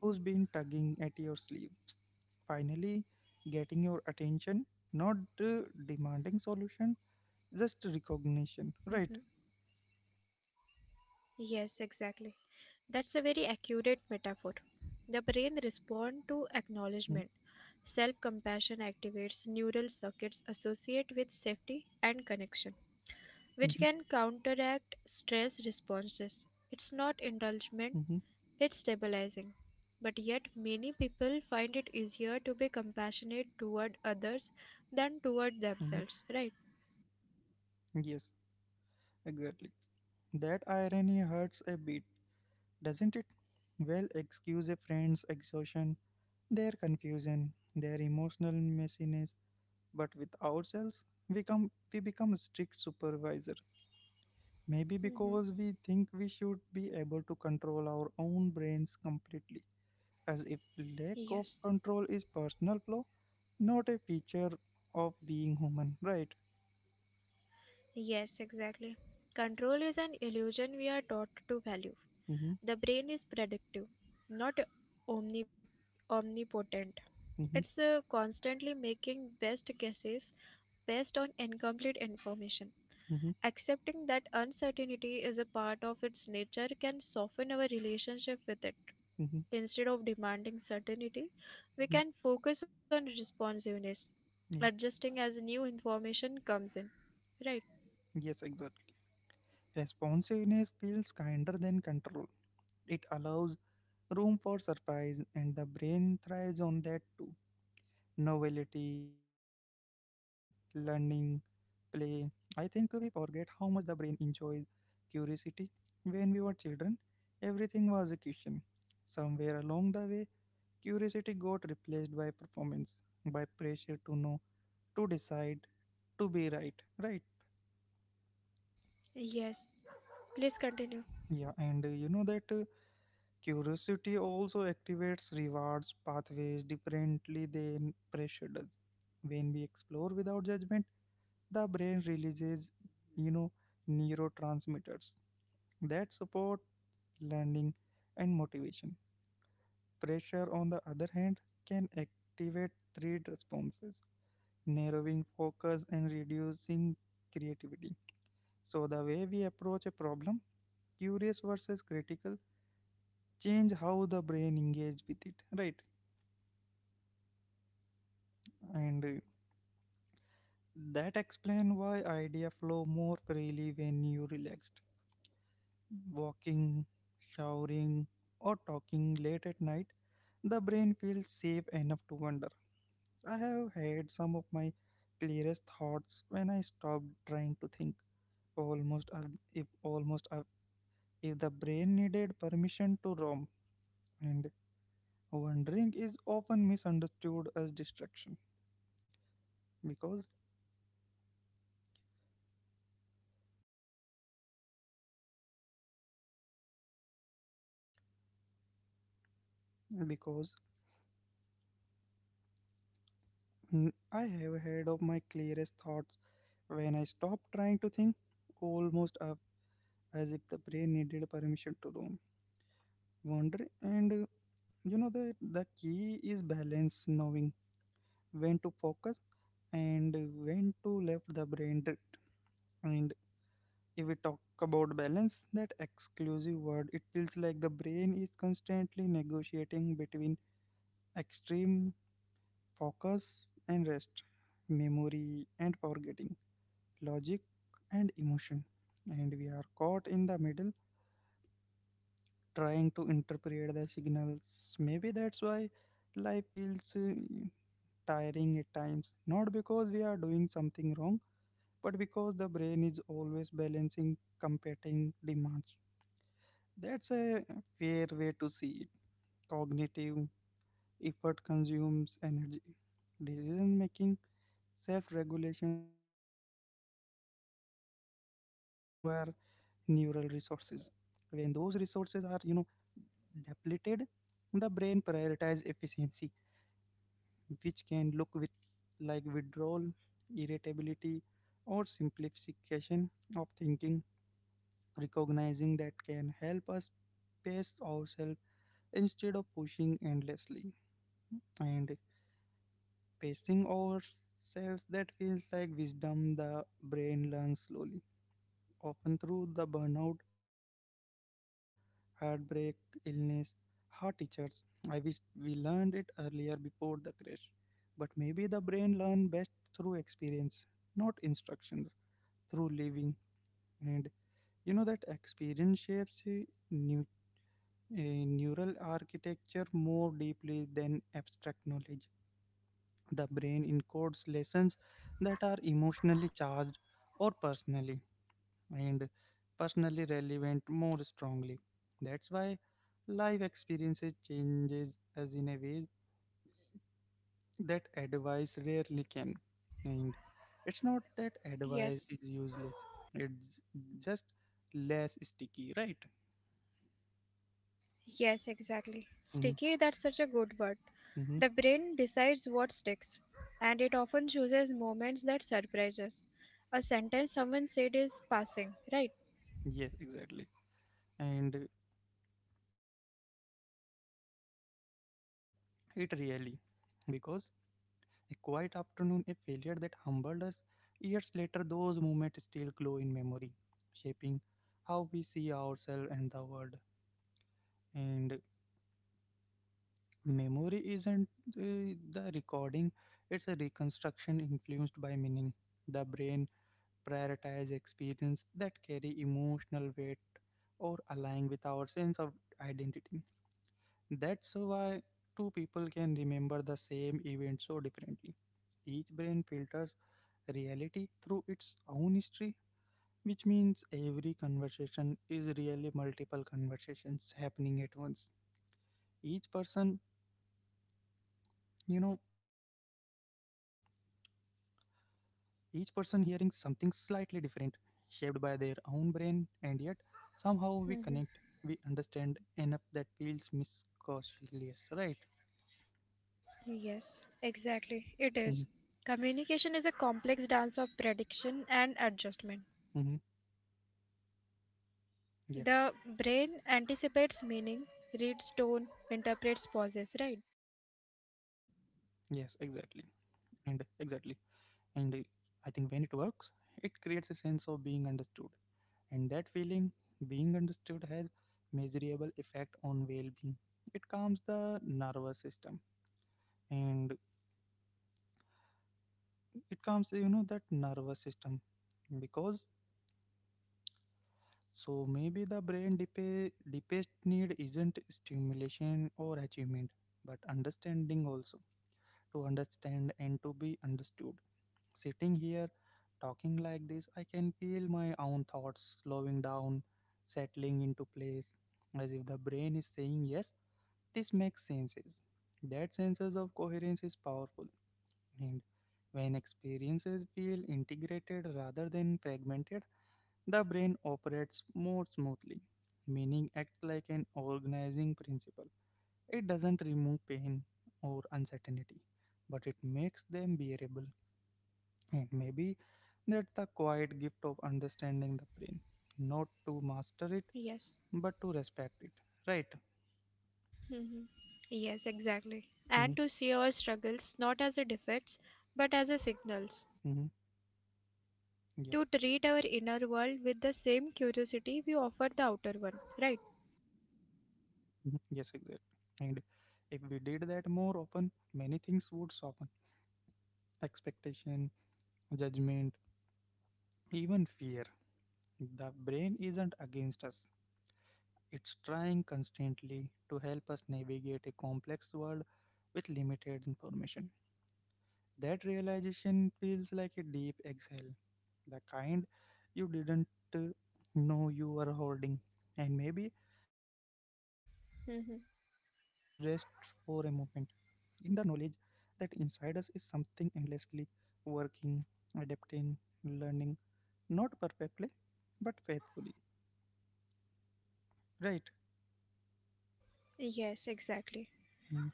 S1: who's been tugging at your sleeves finally getting your attention, not demanding solution, just recognition,
S2: Hmm.
S1: right?
S2: Yes, exactly. That's a very accurate metaphor. The brain responds to
S1: Mm-hmm.
S2: acknowledgement. Self compassion activates neural circuits associated with safety and connection, which
S1: Mm-hmm.
S2: can counteract stress responses. It's not indulgent,
S1: Mm-hmm.
S2: it's stabilizing. But yet, many people find it easier to be compassionate toward others than toward
S1: Mhm.
S2: themselves, right?
S1: Yes, exactly. That irony hurts a bit, doesn't it? Well, excuse a friend's exhaustion, their confusion, their emotional messiness, but with ourselves, we become a strict supervisor. Maybe
S2: Hmm.
S1: because we think we should be able to control our own brains completely, as if lack of
S2: Yes.
S1: control is personal flaw, not a feature of being human, right?
S2: Yes, exactly. Control is an illusion we are taught to value.
S1: Mm-hmm,
S2: The brain is predictive, not omni- omnipotent. It's
S1: mm-hmm,
S2: constantly making best guesses based on incomplete information.
S1: mm-hmm,
S2: Accepting that uncertainty is a part of its nature can soften our relationship with it.
S1: mm-hmm,
S2: Instead of demanding certainty, we
S1: mm-hmm.
S2: can focus on responsiveness,
S1: Yeah.
S2: adjusting as new information comes in. Right?
S1: Yes, exactly. Responsiveness feels kinder than control. It allows room for surprise, and the brain thrives on that too. Novelty, learning, play. I think we forget how much the brain enjoys curiosity. When we were children, everything was a question. Somewhere along the way, curiosity got replaced by performance, by pressure to know, to decide, to be right, right?
S2: Yes. Please continue.
S1: Yeah, and you know that. Curiosity also activates rewards pathways differently than pressure does. When we explore without judgment, the brain releases, you know, neurotransmitters that support learning and motivation. Pressure, on the other hand, can activate threat responses, narrowing focus and reducing creativity. So, the way we approach a problem, curious versus critical, change how the brain engages with it, right? And that explain why idea flow more freely when you relaxed. Walking, showering, or talking late at night, the brain feels safe enough to wander. I have had some of my clearest thoughts when I stopped trying to think. Almost if almost If the brain needed permission to roam, and wandering is often misunderstood as distraction because because I have heard of my clearest thoughts when I stopped trying to think, almost up, as if the brain needed permission to roam, wander, and the key is balance, knowing when to focus and when to let the brain drift. And if we talk about balance, that exclusive word, it feels like the brain is constantly negotiating between extreme focus and rest, memory and forgetting, logic and emotion, and we are caught in the middle trying to interpret the signals. Maybe that's why life feels tiring at times. Not because we are doing something wrong, but because the brain is always balancing competing demands. That's a fair way to see it. Cognitive effort consumes energy. Decision making, self regulations, empathy all require neural resources. When those resources are, depleted, the brain prioritizes efficiency, which can look with like withdrawal, irritability, or simplification of thinking. Recognizing that can help us pace ourselves instead of pushing endlessly. And pacing ourselves that feels like wisdom the brain learns slowly, often through the burnout, heartbreak, illness, hard teachers. I wish we learned it earlier before the crash. But maybe the brain learn best through experience, not instruction, through living. And you know that experience shapes new, a neural architecture more deeply than abstract knowledge. The brain encodes lessons that are emotionally charged or and personally relevant more strongly. That's why life experiences changes as in a way that advice rarely can. And it's not that
S2: Yes.
S1: advice is useless. It's just less sticky, right?
S2: Yes, exactly. Sticky, that's such a good word.
S1: Mm-hmm.
S2: The brain decides what sticks, and it often chooses moments that surprise us. A sentence someone said is passing, right?
S1: Yes, exactly. And it really because a quiet afternoon, a failure that humbled us. Years later, those moments still glow in memory, shaping how we see ourselves and the world. And memory isn't the recording, it's a reconstruction influenced by meaning. The brain prioritizes experience that carry emotional weight or align with our sense of identity. That's why two people can remember the same event so differently. Each brain filters reality through its own history, which means every conversation is really multiple conversations happening at once. Each person, you know, each person hearing something slightly different, shaped by their own brain, and yet somehow we connect, we
S2: Mhm.
S1: understand enough that feels miscautious, right?
S2: Yes, exactly. It
S1: Hmm.
S2: is. Communication is a complex dance of prediction and adjustment.
S1: Hmm. Yeah,
S2: The brain anticipates meaning, reads tone, interprets pauses, right?
S1: yes, exactly. And exactly. And I think when it works, it creates a sense of being understood, and that feeling being understood has measurable effect on well-being. It calms the nervous system, and it calms that nervous system because so maybe the brain deepest need isn't stimulation or achievement, but understanding also, to understand and to be understood. Sitting here talking like this, I can feel my own thoughts slowing down, settling into place, as if the brain is saying yes. This makes senses. That sense of coherence is powerful, and when experiences feel integrated rather than fragmented, the brain operates more smoothly. Meaning acts like an organizing principle. It doesn't remove pain or uncertainty, but it makes them bearable. And maybe that's the quiet gift of understanding the brain, not to master it,
S2: Yes.
S1: but to respect it. Right?
S2: Mhm. Yes, exactly.
S1: Mm-hmm.
S2: And to see our struggles not as a defects but as a signals.
S1: Mm-hmm. Yeah.
S2: To treat our inner world with the same curiosity we offer the outer one, right?
S1: Hmm. Yes, exactly. And if we did that more often, many things would soften, expectation, judgment, even fear. The brain isn't against us, it's trying constantly to help us navigate a complex world with limited information. That realization feels like a deep exhale, the kind you didn't uh, know you were holding. And maybe that's where we can rest
S2: Mhm.
S1: for a moment in the knowledge that inside us is something endlessly working, adapting, learning, not perfectly, but faithfully, right?
S2: Yes, exactly.
S1: Mm-hmm,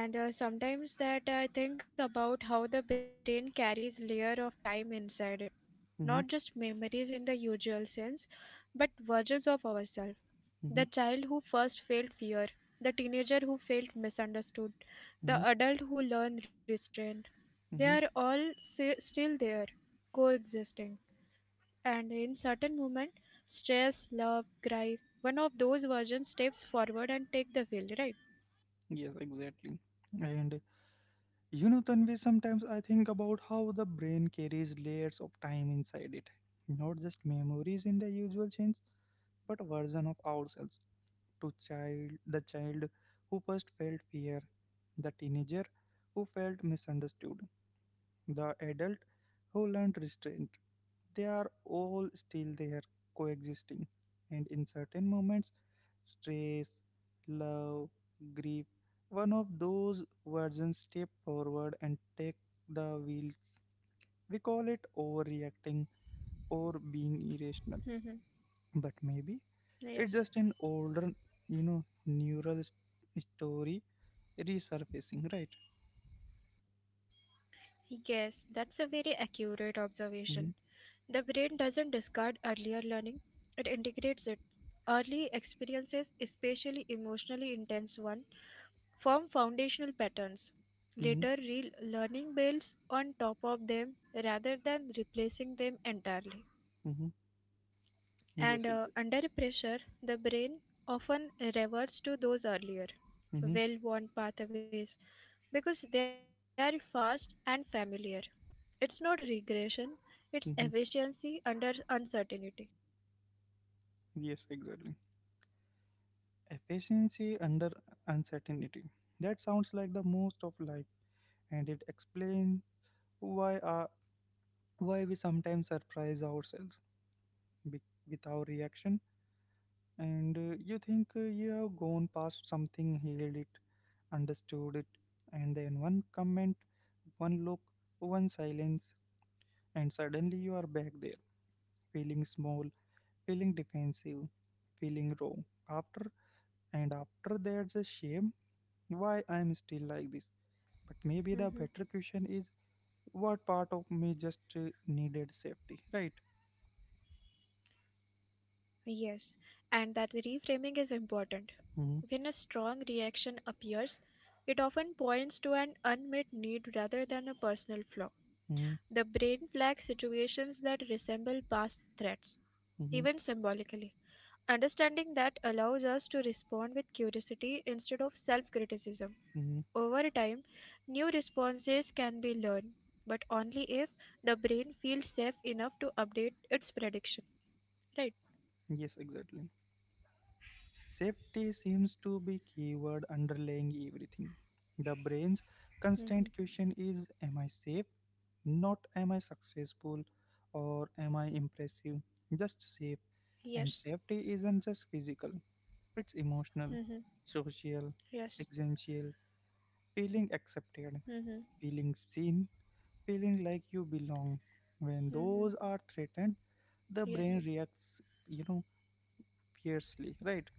S2: And sometimes that I think about how the brain carries layer of time inside it, not just
S1: mm-hmm,
S2: memories in the usual sense, but versions of ourselves. The
S1: mm-hmm,
S2: child who first felt fear, the teenager who felt misunderstood,
S1: mm-hmm,
S2: the adult who learned restraint. They
S1: mm-hmm.
S2: are all still there, coexisting. And in certain moment, stress, love, grief, one of those versions steps forward and take the wheel, right?
S1: Yes, exactly. And you know, Tanvi, sometimes I think about how the brain carries layers of time inside it, not just memories in the usual sense, but version of ourselves to child the child who first felt fear, the teenager who felt misunderstood, the adult who learned restraint. They are all still there coexisting, and in certain moments, stress, love, grief, one of those versions step forward and take the wheels. We call it overreacting or being irrational,
S2: Hmm.
S1: but maybe it's just an
S2: Yes.
S1: older, neural story resurfacing, right?
S2: Yes, that's a very accurate
S1: Mm-hmm,
S2: observation. The brain doesn't discard earlier learning, it integrates it. Early experiences, especially emotionally intense ones, form foundational
S1: mm-hmm,
S2: patterns. Later, real learning builds on top of them rather than replacing them entirely.
S1: mm-hmm. Yes, exactly.
S2: And under pressure, the brain often reverts to those
S1: Mm-hmm,
S2: earlier, well worn pathways because they are fast and familiar. It's not regression, it's
S1: mm-hmm.
S2: efficiency under uncertainty.
S1: Yes, exactly. Efficiency under uncertainty. That sounds like the most of life, and it explains why our, why we sometimes surprise ourselves be- with our reaction. And you think you have gone past something, healed it, understood it, and then one comment, one look, one silence, and suddenly you are back there, feeling small, feeling defensive, feeling wrong. After and after there's a shame why I'm still like this. But maybe the
S2: Hmm.
S1: better question is what part of me just needed safety, right?
S2: Yes, and that reframing is important.
S1: Hmm.
S2: When a strong reaction appears, it often points to an unmet need rather than a personal flaw.
S1: Hmm.
S2: The brain flags situations that resemble past threats,
S1: Hmm.
S2: even symbolically. Understanding that allows us to respond with curiosity instead of self criticism.
S1: Hmm.
S2: Over time, new responses can be learned, but only if the brain feels safe enough to update its prediction. Right?
S1: Yes, exactly. Safety seems to be keyword underlying everything. The brain's constant question is
S2: Hmm.
S1: am I safe? Not am I successful or am I impressive? Just safe. And safety isn't
S2: Yes.
S1: just physical, it's emotional, social,
S2: Hmm.
S1: existential,
S2: Yes.
S1: feeling accepted.
S2: Hmm.
S1: Feeling seen, feeling like you belong. When
S2: Hmm.
S1: those are threatened, the
S2: Yes.
S1: brain reacts, you know, fiercely, right?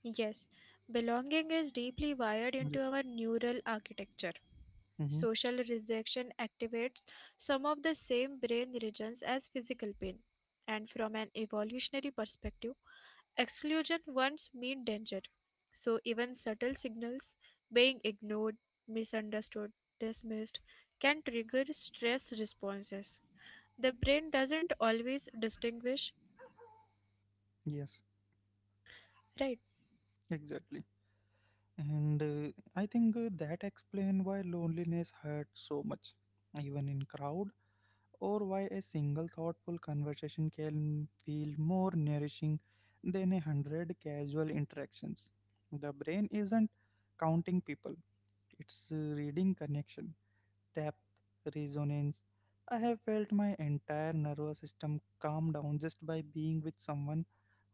S2: Yes, belonging is deeply wired
S1: Yeah.
S2: into our neural architecture.
S1: Mm-hmm.
S2: Social rejection activates some of the same brain regions as physical pain. And from an evolutionary perspective, exclusion once meant danger. So even subtle signals being ignored, misunderstood, dismissed can trigger stress responses. The brain doesn't always distinguish,
S1: Yes,
S2: right?
S1: exactly. And I think that explains why loneliness hurts so much, even in crowd, or why a single thoughtful conversation can feel more nourishing than a hundred casual interactions. The brain isn't counting people; it's reading connection depth resonance. I have felt my entire nervous system calm down just by being with someone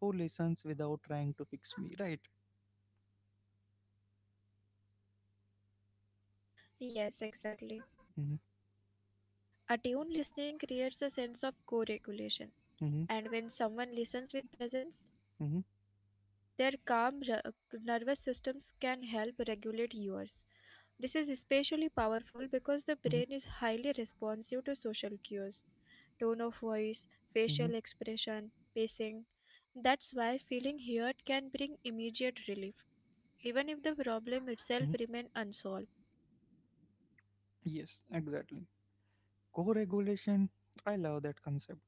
S1: who listens without trying to fix me, right?
S2: Yes, exactly.
S1: Hmm.
S2: Attuned listening creates a sense of co-regulation,
S1: Hmm.
S2: and when someone listens with presence,
S1: Hmm.
S2: their calm nervous systems can help regulate yours. This is especially
S1: Hmm.
S2: powerful because the brain is highly responsive to social cues, tone of voice,
S1: Hmm.
S2: facial expression, pacing. That's why feeling heard can bring immediate relief, even if the
S1: Hmm.
S2: problem itself remains unsolved.
S1: Yes, exactly. Co-regulation, I love that concept.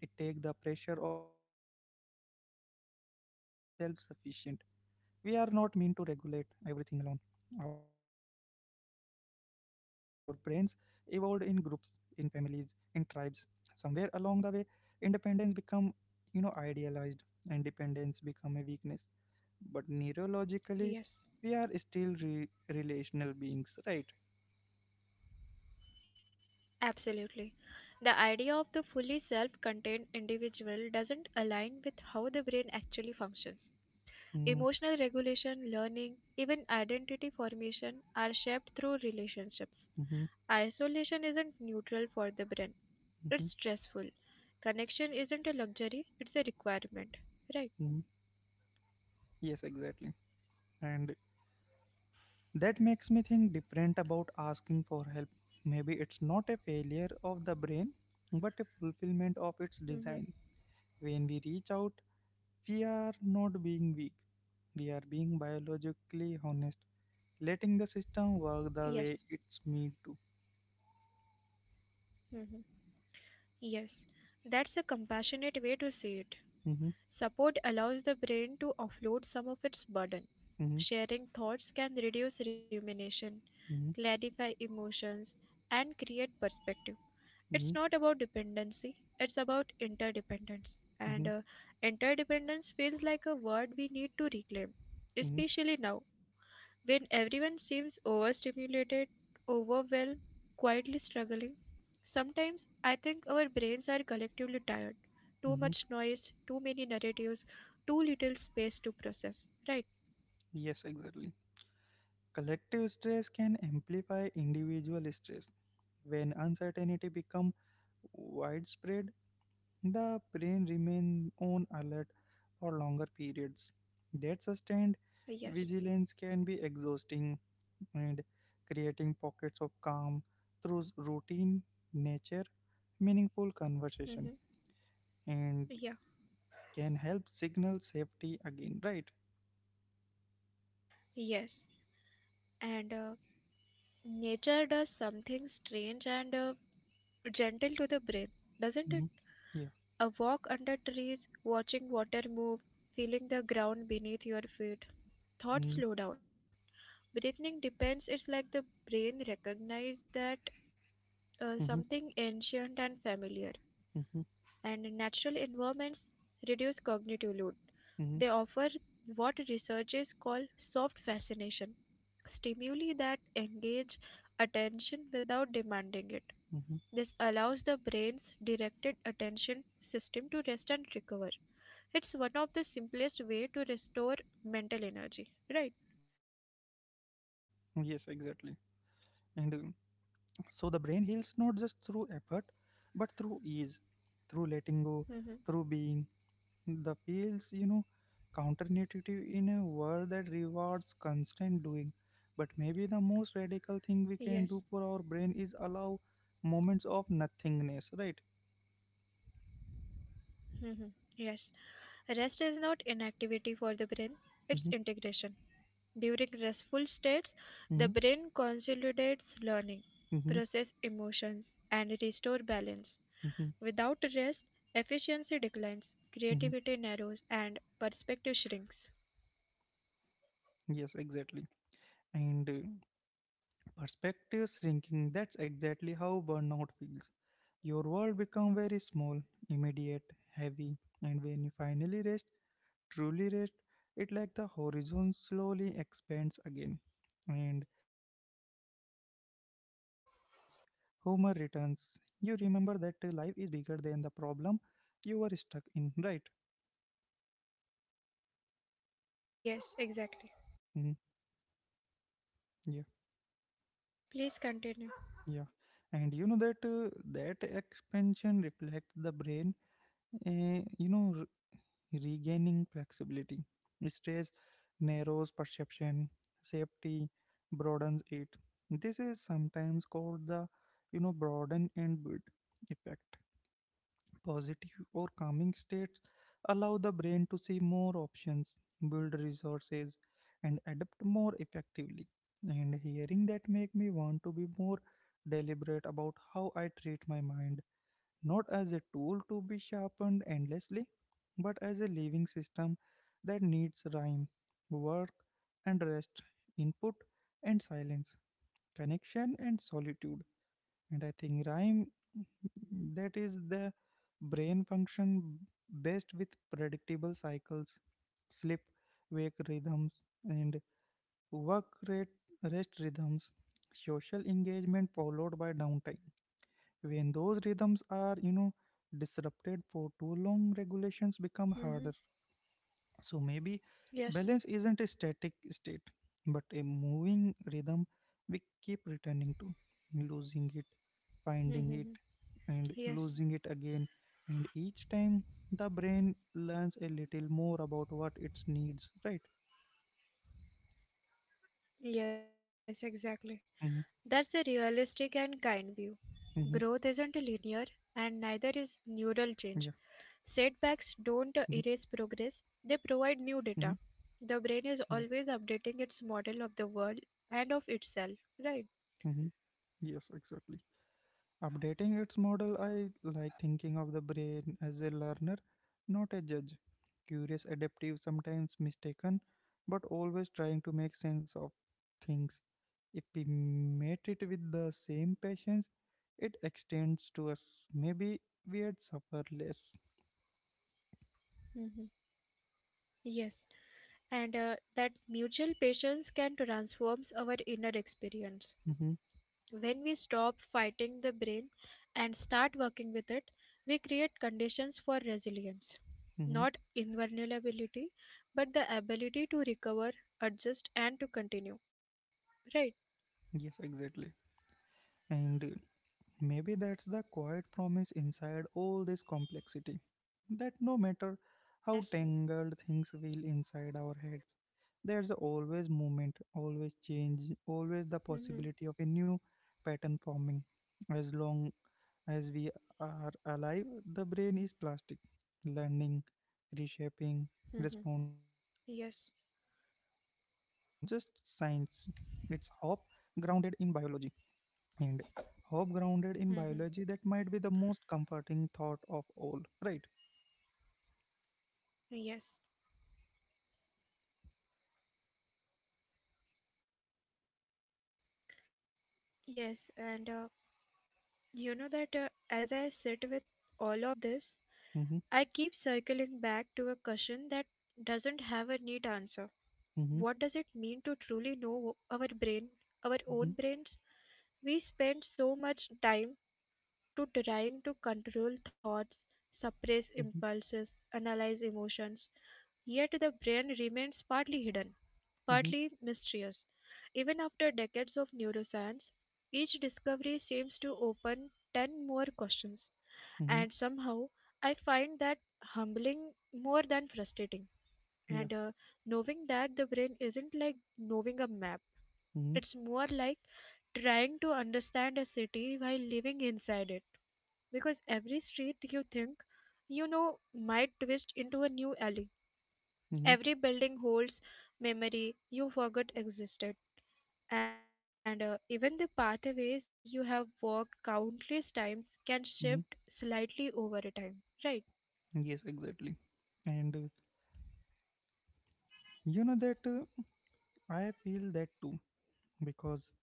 S1: It takes the pressure of being entirely self-sufficient. We are not meant to regulate everything alone. Our brains evolved in groups, in families, in tribes. Somewhere along the way, independence become, idealized and dependence become a weakness. But neurologically, we are
S2: Yes.
S1: still relational beings, right?
S2: Absolutely. The idea of the fully self contained individual doesn't align with how the brain actually functions.
S1: Mm-hmm.
S2: Emotional regulation, learning, even identity formation are shaped through relationships. Isolation isn't neutral for the brain, it's
S1: Hmm.
S2: stressful. Connection isn't a luxury, it's a requirement. Right?
S1: Hmm. Yes, exactly. And that makes me think different about asking for help. Maybe it's not a failure of the brain, but a fulfillment of its
S2: Mm-hmm.
S1: design. When we reach out, we are not being weak, we are being biologically honest, letting the system work the
S2: Yes.
S1: way it's meant to.
S2: Mm-hmm. Yes. That's a compassionate way to see it.
S1: Mhm,
S2: Support allows the brain to offload some of its burden.
S1: mhm,
S2: Sharing thoughts can reduce rumination,
S1: mhm,
S2: clarify emotions, and create perspective. It's not about
S1: mhm,
S2: dependency, it's about interdependence. And
S1: mhm,
S2: interdependence feels like a word we need to reclaim,
S1: mhm,
S2: especially now when everyone seems overstimulated, overwhelmed, quietly struggling, sometimes I think our brains are collectively tired. Too much
S1: mhm.
S2: noise, too many narratives, too little space to process. Right?
S1: Yes, exactly. Collective stress can amplify individual stress. When uncertainty becomes widespread, the brain remains on alert for longer periods. That sustained
S2: Yes.
S1: vigilance can be exhausting, and creating pockets of calm through routine, nature, meaningful conversation,
S2: Mm-hmm.
S1: and
S2: Yeah.
S1: can help signal safety again, right?
S2: Yes. And nature does something strange and gentle to the brain, doesn't it?
S1: Mhm. Yeah.
S2: A walk under trees, watching water move, feeling the ground beneath your feet. Thoughts
S1: Mhm,
S2: slow down. Breathing depends, it's like the brain recognizes that
S1: mhm,
S2: something ancient and familiar
S1: mhm,
S2: and natural environments reduce cognitive load.
S1: mhm,
S2: They offer what researchers call soft fascination, stimuli that engage attention without demanding it.
S1: mhm.
S2: This allows the brain's directed attention system to rest and recover. It's one of the simplest way to restore mental energy, right?
S1: Yes, exactly. And so the brain heals not just through effort, but through ease, through letting go,
S2: Hmm.
S1: through being. The feels, counterintuitive in a world that rewards constant doing. But maybe the most radical thing we can
S2: Yes.
S1: do for our brain is allow moments of nothingness, right?
S2: Hmm. Yes. Rest is not inactivity for the brain, it's
S1: Mm-hmm,
S2: integration. During restful states, the
S1: mm-hmm,
S2: brain consolidates learning,
S1: mm-hmm,
S2: process emotions, and restore balance.
S1: mm-hmm.
S2: Without rest, efficiency declines,
S1: Mm-hmm.
S2: creativity narrows, and perspective shrinks.
S1: Yes, exactly. And perspective shrinking, that's exactly how burnout feels. Your world become very small, immediate, heavy, and when you finally rest, truly rest, it like the horizon slowly expands again, and possibility returns, humor returns. You remember that life is bigger than the problem you were stuck in, right?
S2: Yes, exactly.
S1: Hmm. Yeah.
S2: Please continue.
S1: Yeah. And you know that that expansion reflects the brain, uh, you know, regaining flexibility. Stress narrows perception, safety broadens it. This is sometimes called the broaden and build effect. Positive or calming states allow the brain to see more options, build resources, and adapt more effectively. And hearing that make me want to be more deliberate about how I treat my mind not as a tool to be sharpened endlessly, but as a living system that needs rhyme, work and rest, input and silence, connection and solitude. And I think rhyme that is the brain function best with predictable cycles, sleep, wake rhythms, and work rate, rest rhythms, social engagement followed by downtime. When those rhythms are, disrupted for too long, regulations become harder.
S2: Hmm.
S1: So maybe balance
S2: Yes.
S1: isn't a static state, but a moving rhythm we keep returning to, losing it, finding it,
S2: Hmm.
S1: and
S2: Yes.
S1: losing it again. And each time the brain learns a little more about what it needs, right?
S2: Yes, exactly.
S1: Mm-hmm,
S2: That's a realistic and kind view. Growth
S1: mm-hmm,
S2: isn't linear, and neither is
S1: yeah,
S2: neural change. Setbacks
S1: mm-hmm,
S2: don't erase progress, they provide new
S1: mm-hmm,
S2: data. The brain is
S1: yeah,
S2: always updating its model of the world and of itself, right?
S1: mm-hmm, yes, exactly. Updating its model, I like thinking of the brain as a learner, not a judge. Curious, adaptive, sometimes mistaken, but always trying to make sense of things. If we met it with the same patience, it extends to us. Maybe we'd suffer less.
S2: Mhm. Yes, and that mutual patience can transform our inner experience.
S1: Hmm.
S2: When we stop fighting the brain and start working with it, we create conditions for resilience.
S1: Hmm.
S2: Not invulnerability, but the ability to recover, adjust, and to continue. Right?
S1: Yes, exactly. And maybe that's the quiet promise inside all this complexity that no matter how
S2: Yes.
S1: tangled things feel inside our heads, there's always movement, always change, always the
S2: Mm-hmm.
S1: possibility of a new pattern forming. As long as we are alive, the brain is plastic, learning, reshaping,
S2: Mm-hmm.
S1: responding. That's not
S2: Yes.
S1: just science, it's hope grounded in biology, and hope grounded in
S2: Mm-hmm.
S1: biology that might be the most comforting thought of all, right?
S2: Yes. Yes. And you know that as I sit with all of this, I
S1: Mm-hmm.
S2: keep circling back to a question that doesn't have a neat answer.
S1: Mm-hmm.
S2: What does it mean to truly know our brain, our
S1: Mm-hmm.
S2: own brains? We spend so much time to trying to control thoughts, suppress
S1: Mm-hmm.
S2: impulses, analyze emotions, yet the brain remains partly hidden,
S1: Mm-hmm.
S2: partly mysterious. Even after decades of neuroscience, each discovery seems to open 10 more questions,
S1: Mm-hmm.
S2: and somehow I find that humbling more than frustrating.
S1: Yeah.
S2: And knowing that the brain isn't like knowing a map,
S1: Mm-hmm.
S2: it's more like trying to understand a city while living inside it. Because every street you think you know might twist into a new alley.
S1: Mm-hmm.
S2: Every building holds memory you forgot existed. And even the pathways you have walked countless times can
S1: Mm-hmm.
S2: shift slightly over a time. Right?
S1: Yes, exactly. And you know that I feel that too because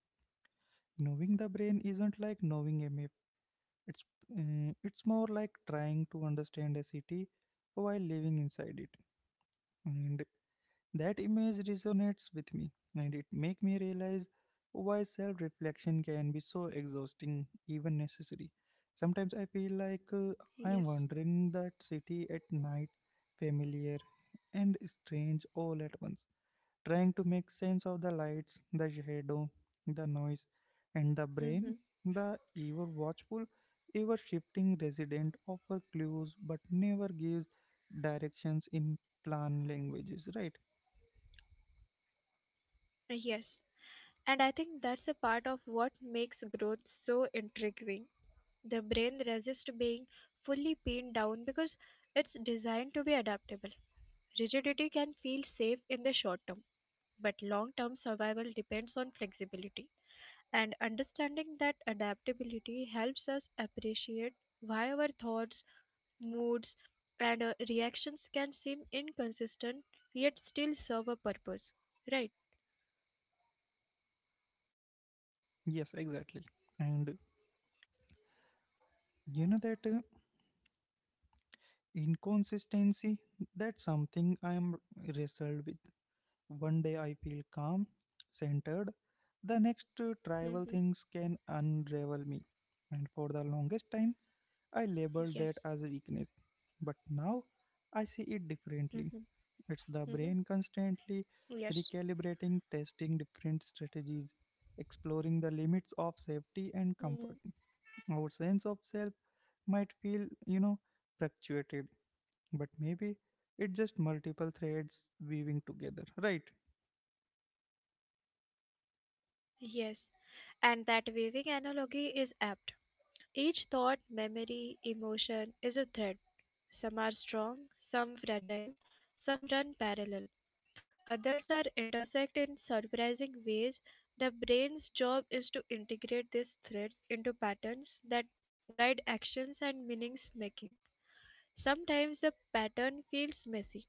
S1: knowing the brain isn't like knowing a map. It's it's more like trying to understand a city while living inside it, and that image resonates with me, and it make me realize why self-reflection can be so exhausting, even necessary. Sometimes I feel like I am wandering
S2: Yes.
S1: that city at night, familiar and strange all at once, trying to make sense of the lights, the shadow, the noise, and the brain,
S2: Mm-hmm.
S1: the ever watchful, ever shifting resident offer clues but never gives directions in plan languages, right?
S2: Yes. And I think that's a part of what makes growth so intriguing. The brain resists being fully pinned down because it's designed to be adaptable. Rigidity can feel safe in the short term, but long term survival depends on flexibility. And understanding that adaptability helps us appreciate why our thoughts, moods, and reactions can seem inconsistent yet still serve a purpose. Right?
S1: Yes, exactly. And you know that inconsistency, that's something I am wrestled with. One day I feel calm, centered, the next trivial
S2: Hmm.
S1: things can unravel me. And for the longest time, I labeled
S2: Yes.
S1: that as weakness, but now I see it differently.
S2: Hmm.
S1: It's the brain
S2: Hmm.
S1: constantly
S2: Yes.
S1: recalibrating, testing different strategies, exploring the limits of safety and
S2: Hmm.
S1: comfort. Our sense of self might feel, fluctuated, but maybe it's just multiple threads weaving together, right?
S2: Yes, and that weaving analogy is apt. Each thought, memory, emotion is a thread. Some are strong, some fragile, some run parallel. Others are intersect in surprising ways. The brain's job is to integrate these threads into patterns that guide actions and meanings making. Sometimes the pattern feels messy,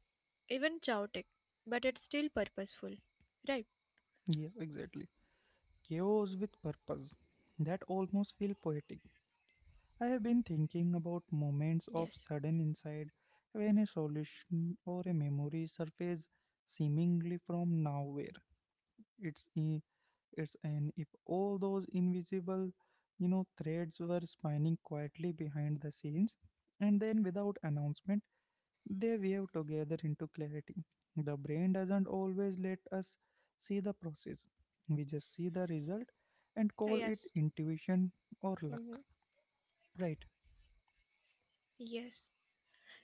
S2: even chaotic, but it's still purposeful. Right?
S1: Yes, exactly. Chaos with purpose. That almost feel poetic. I have been thinking about moments of
S2: Yes.
S1: sudden insight when a solution or a memory surfaces seemingly from nowhere. It's i- it's and if all those invisible, threads were spinning quietly behind the scenes, and then without announcement, they weave together into clarity. The brain doesn't always let us see the process; we just see the result and call it
S2: Yes.
S1: intuition or luck.
S2: Hmm.
S1: Right?
S2: Yes.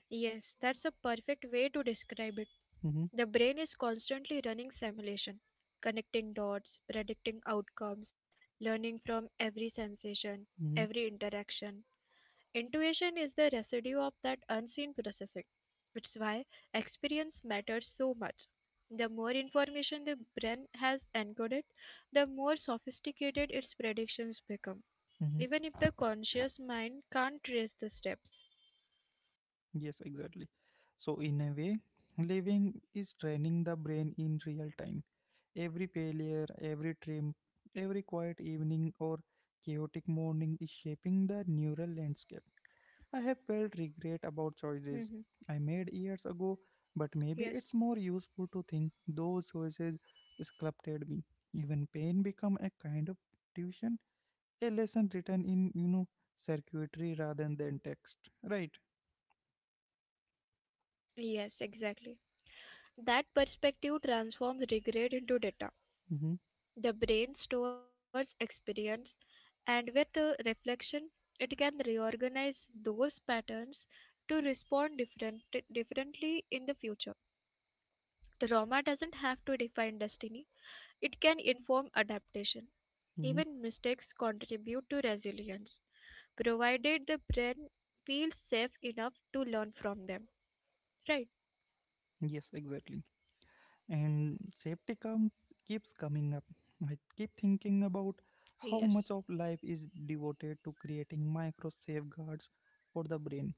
S2: Yes, that's a perfect way to describe it.
S1: Mm-hmm.
S2: The brain is constantly running simulation, connecting dots, predicting outcomes, learning from every sensation,
S1: Mm-hmm.
S2: every interaction. Intuition is the residue of that unseen processing. It's why experience matters so much. The more information the brain has encoded, the more sophisticated its predictions become,
S1: Hmm.
S2: even if the conscious mind can't trace the steps.
S1: Yes, exactly. So, in a way, living is training the brain in real time. Every failure, every trim, every quiet evening or chaotic morning is shaping the neural landscape. I have felt regret about
S2: Mhm.
S1: choices I made years ago, but
S2: Yes.
S1: maybe it's more useful to think those choices sculpted me. Even pain become a kind of tuition, a lesson written in, circuitry rather than text. Right?
S2: Yes, exactly. That perspective transforms regret into data.
S1: Mm-hmm.
S2: The brain stores experience, and with reflection, it can reorganize those patterns to respond differently in the future. Trauma doesn't have to define destiny, it can inform adaptation.
S1: Mm-hmm.
S2: Even mistakes contribute to resilience, provided the brain feels safe enough to learn from them. Right?
S1: Yes, exactly. And safety comes keeps coming up. I keep thinking about how much of
S2: Yes.
S1: life is devoted to creating micro safeguards for the brain.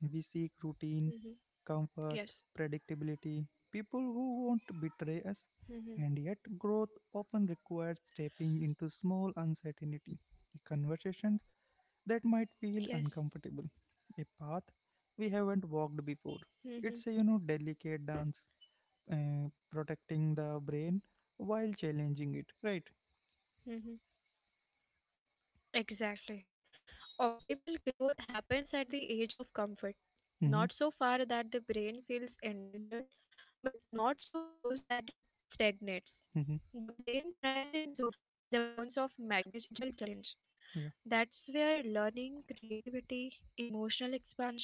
S1: We seek routine,
S2: Hmm.
S1: comfort,
S2: Yes.
S1: predictability, people who won't betray us, and yet
S2: Mhm.
S1: growth often requires stepping into small uncertainty, conversations that might feel
S2: Yes.
S1: uncomfortable, a path we haven't walked before.
S2: Hmm.
S1: It's a delicate dance, protecting the brain while challenging it, right?
S2: Hmm. Exactly. Optimal growth happens at the age of comfort,
S1: Hmm.
S2: not so far that the brain feels endangered, but not so close that it stagnates.
S1: Hmm.
S2: The brain thrives in zones of manageable challenge.
S1: Yeah.
S2: That's where learning, creativity, emotional expansions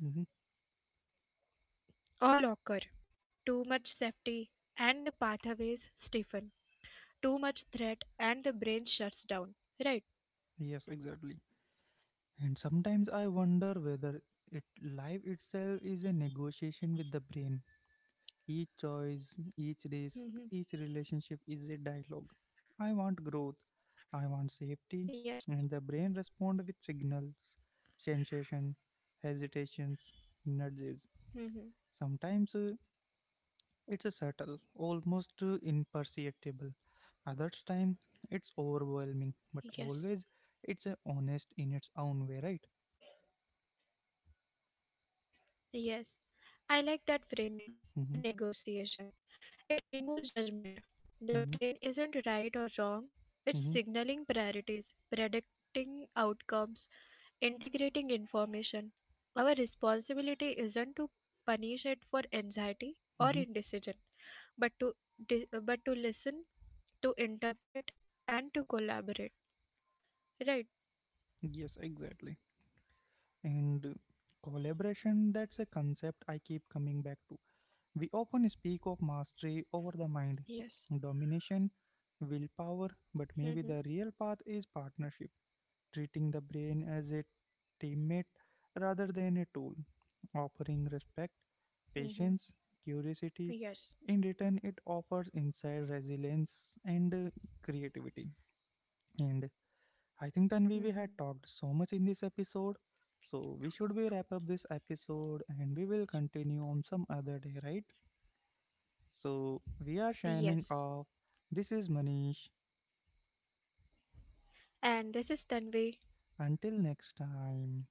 S1: Hmm.
S2: all occur. Too much safety and the pathways stiffen. Too much threat and the brain shuts down. Right?
S1: Yes, exactly. And sometimes I wonder whether it life itself is a negotiation with the brain. Each choice, each risk,
S2: Hmm.
S1: each relationship is a dialogue. I want growth, I want safety, and
S2: Yes.
S1: the brain responds with signals, sensation, hesitations, nudges.
S2: Hmm.
S1: Sometimes it's a subtle, almost imperceptible. Others time it's overwhelming, but always
S2: Yes,
S1: it's a honest in its own way, right?
S2: yes. I like that framing.
S1: Mm-hmm,
S2: A negotiation. It removes judgment. The
S1: mm-hmm,
S2: brain isn't right or wrong, it's
S1: mm-hmm,
S2: signaling priorities, predicting outcomes, integrating information. Our responsibility isn't to punish it for anxiety or
S1: mm-hmm.
S2: indecision, but to listen, to interpret, and to collaborate. Right?
S1: Yes, exactly. And collaboration, that's a concept I keep coming back to. We often speak of mastery over the mind,
S2: Yes.
S1: domination, willpower, but
S2: Mm-hmm.
S1: maybe the real path is partnership, treating the brain as a teammate rather than a tool, offering respect, patience,
S2: Mm-hmm.
S1: curiosity. In
S2: Yes.
S1: return, it offers inside resilience and creativity. And I think Tanvi, we had
S2: Mm-hmm.
S1: talked so much in this episode. So we should be wrap up this episode and we will continue on some other day, right? So we are shining
S2: Yes.
S1: off. This is Manish.
S2: And this is Tanvi.
S1: Until next time.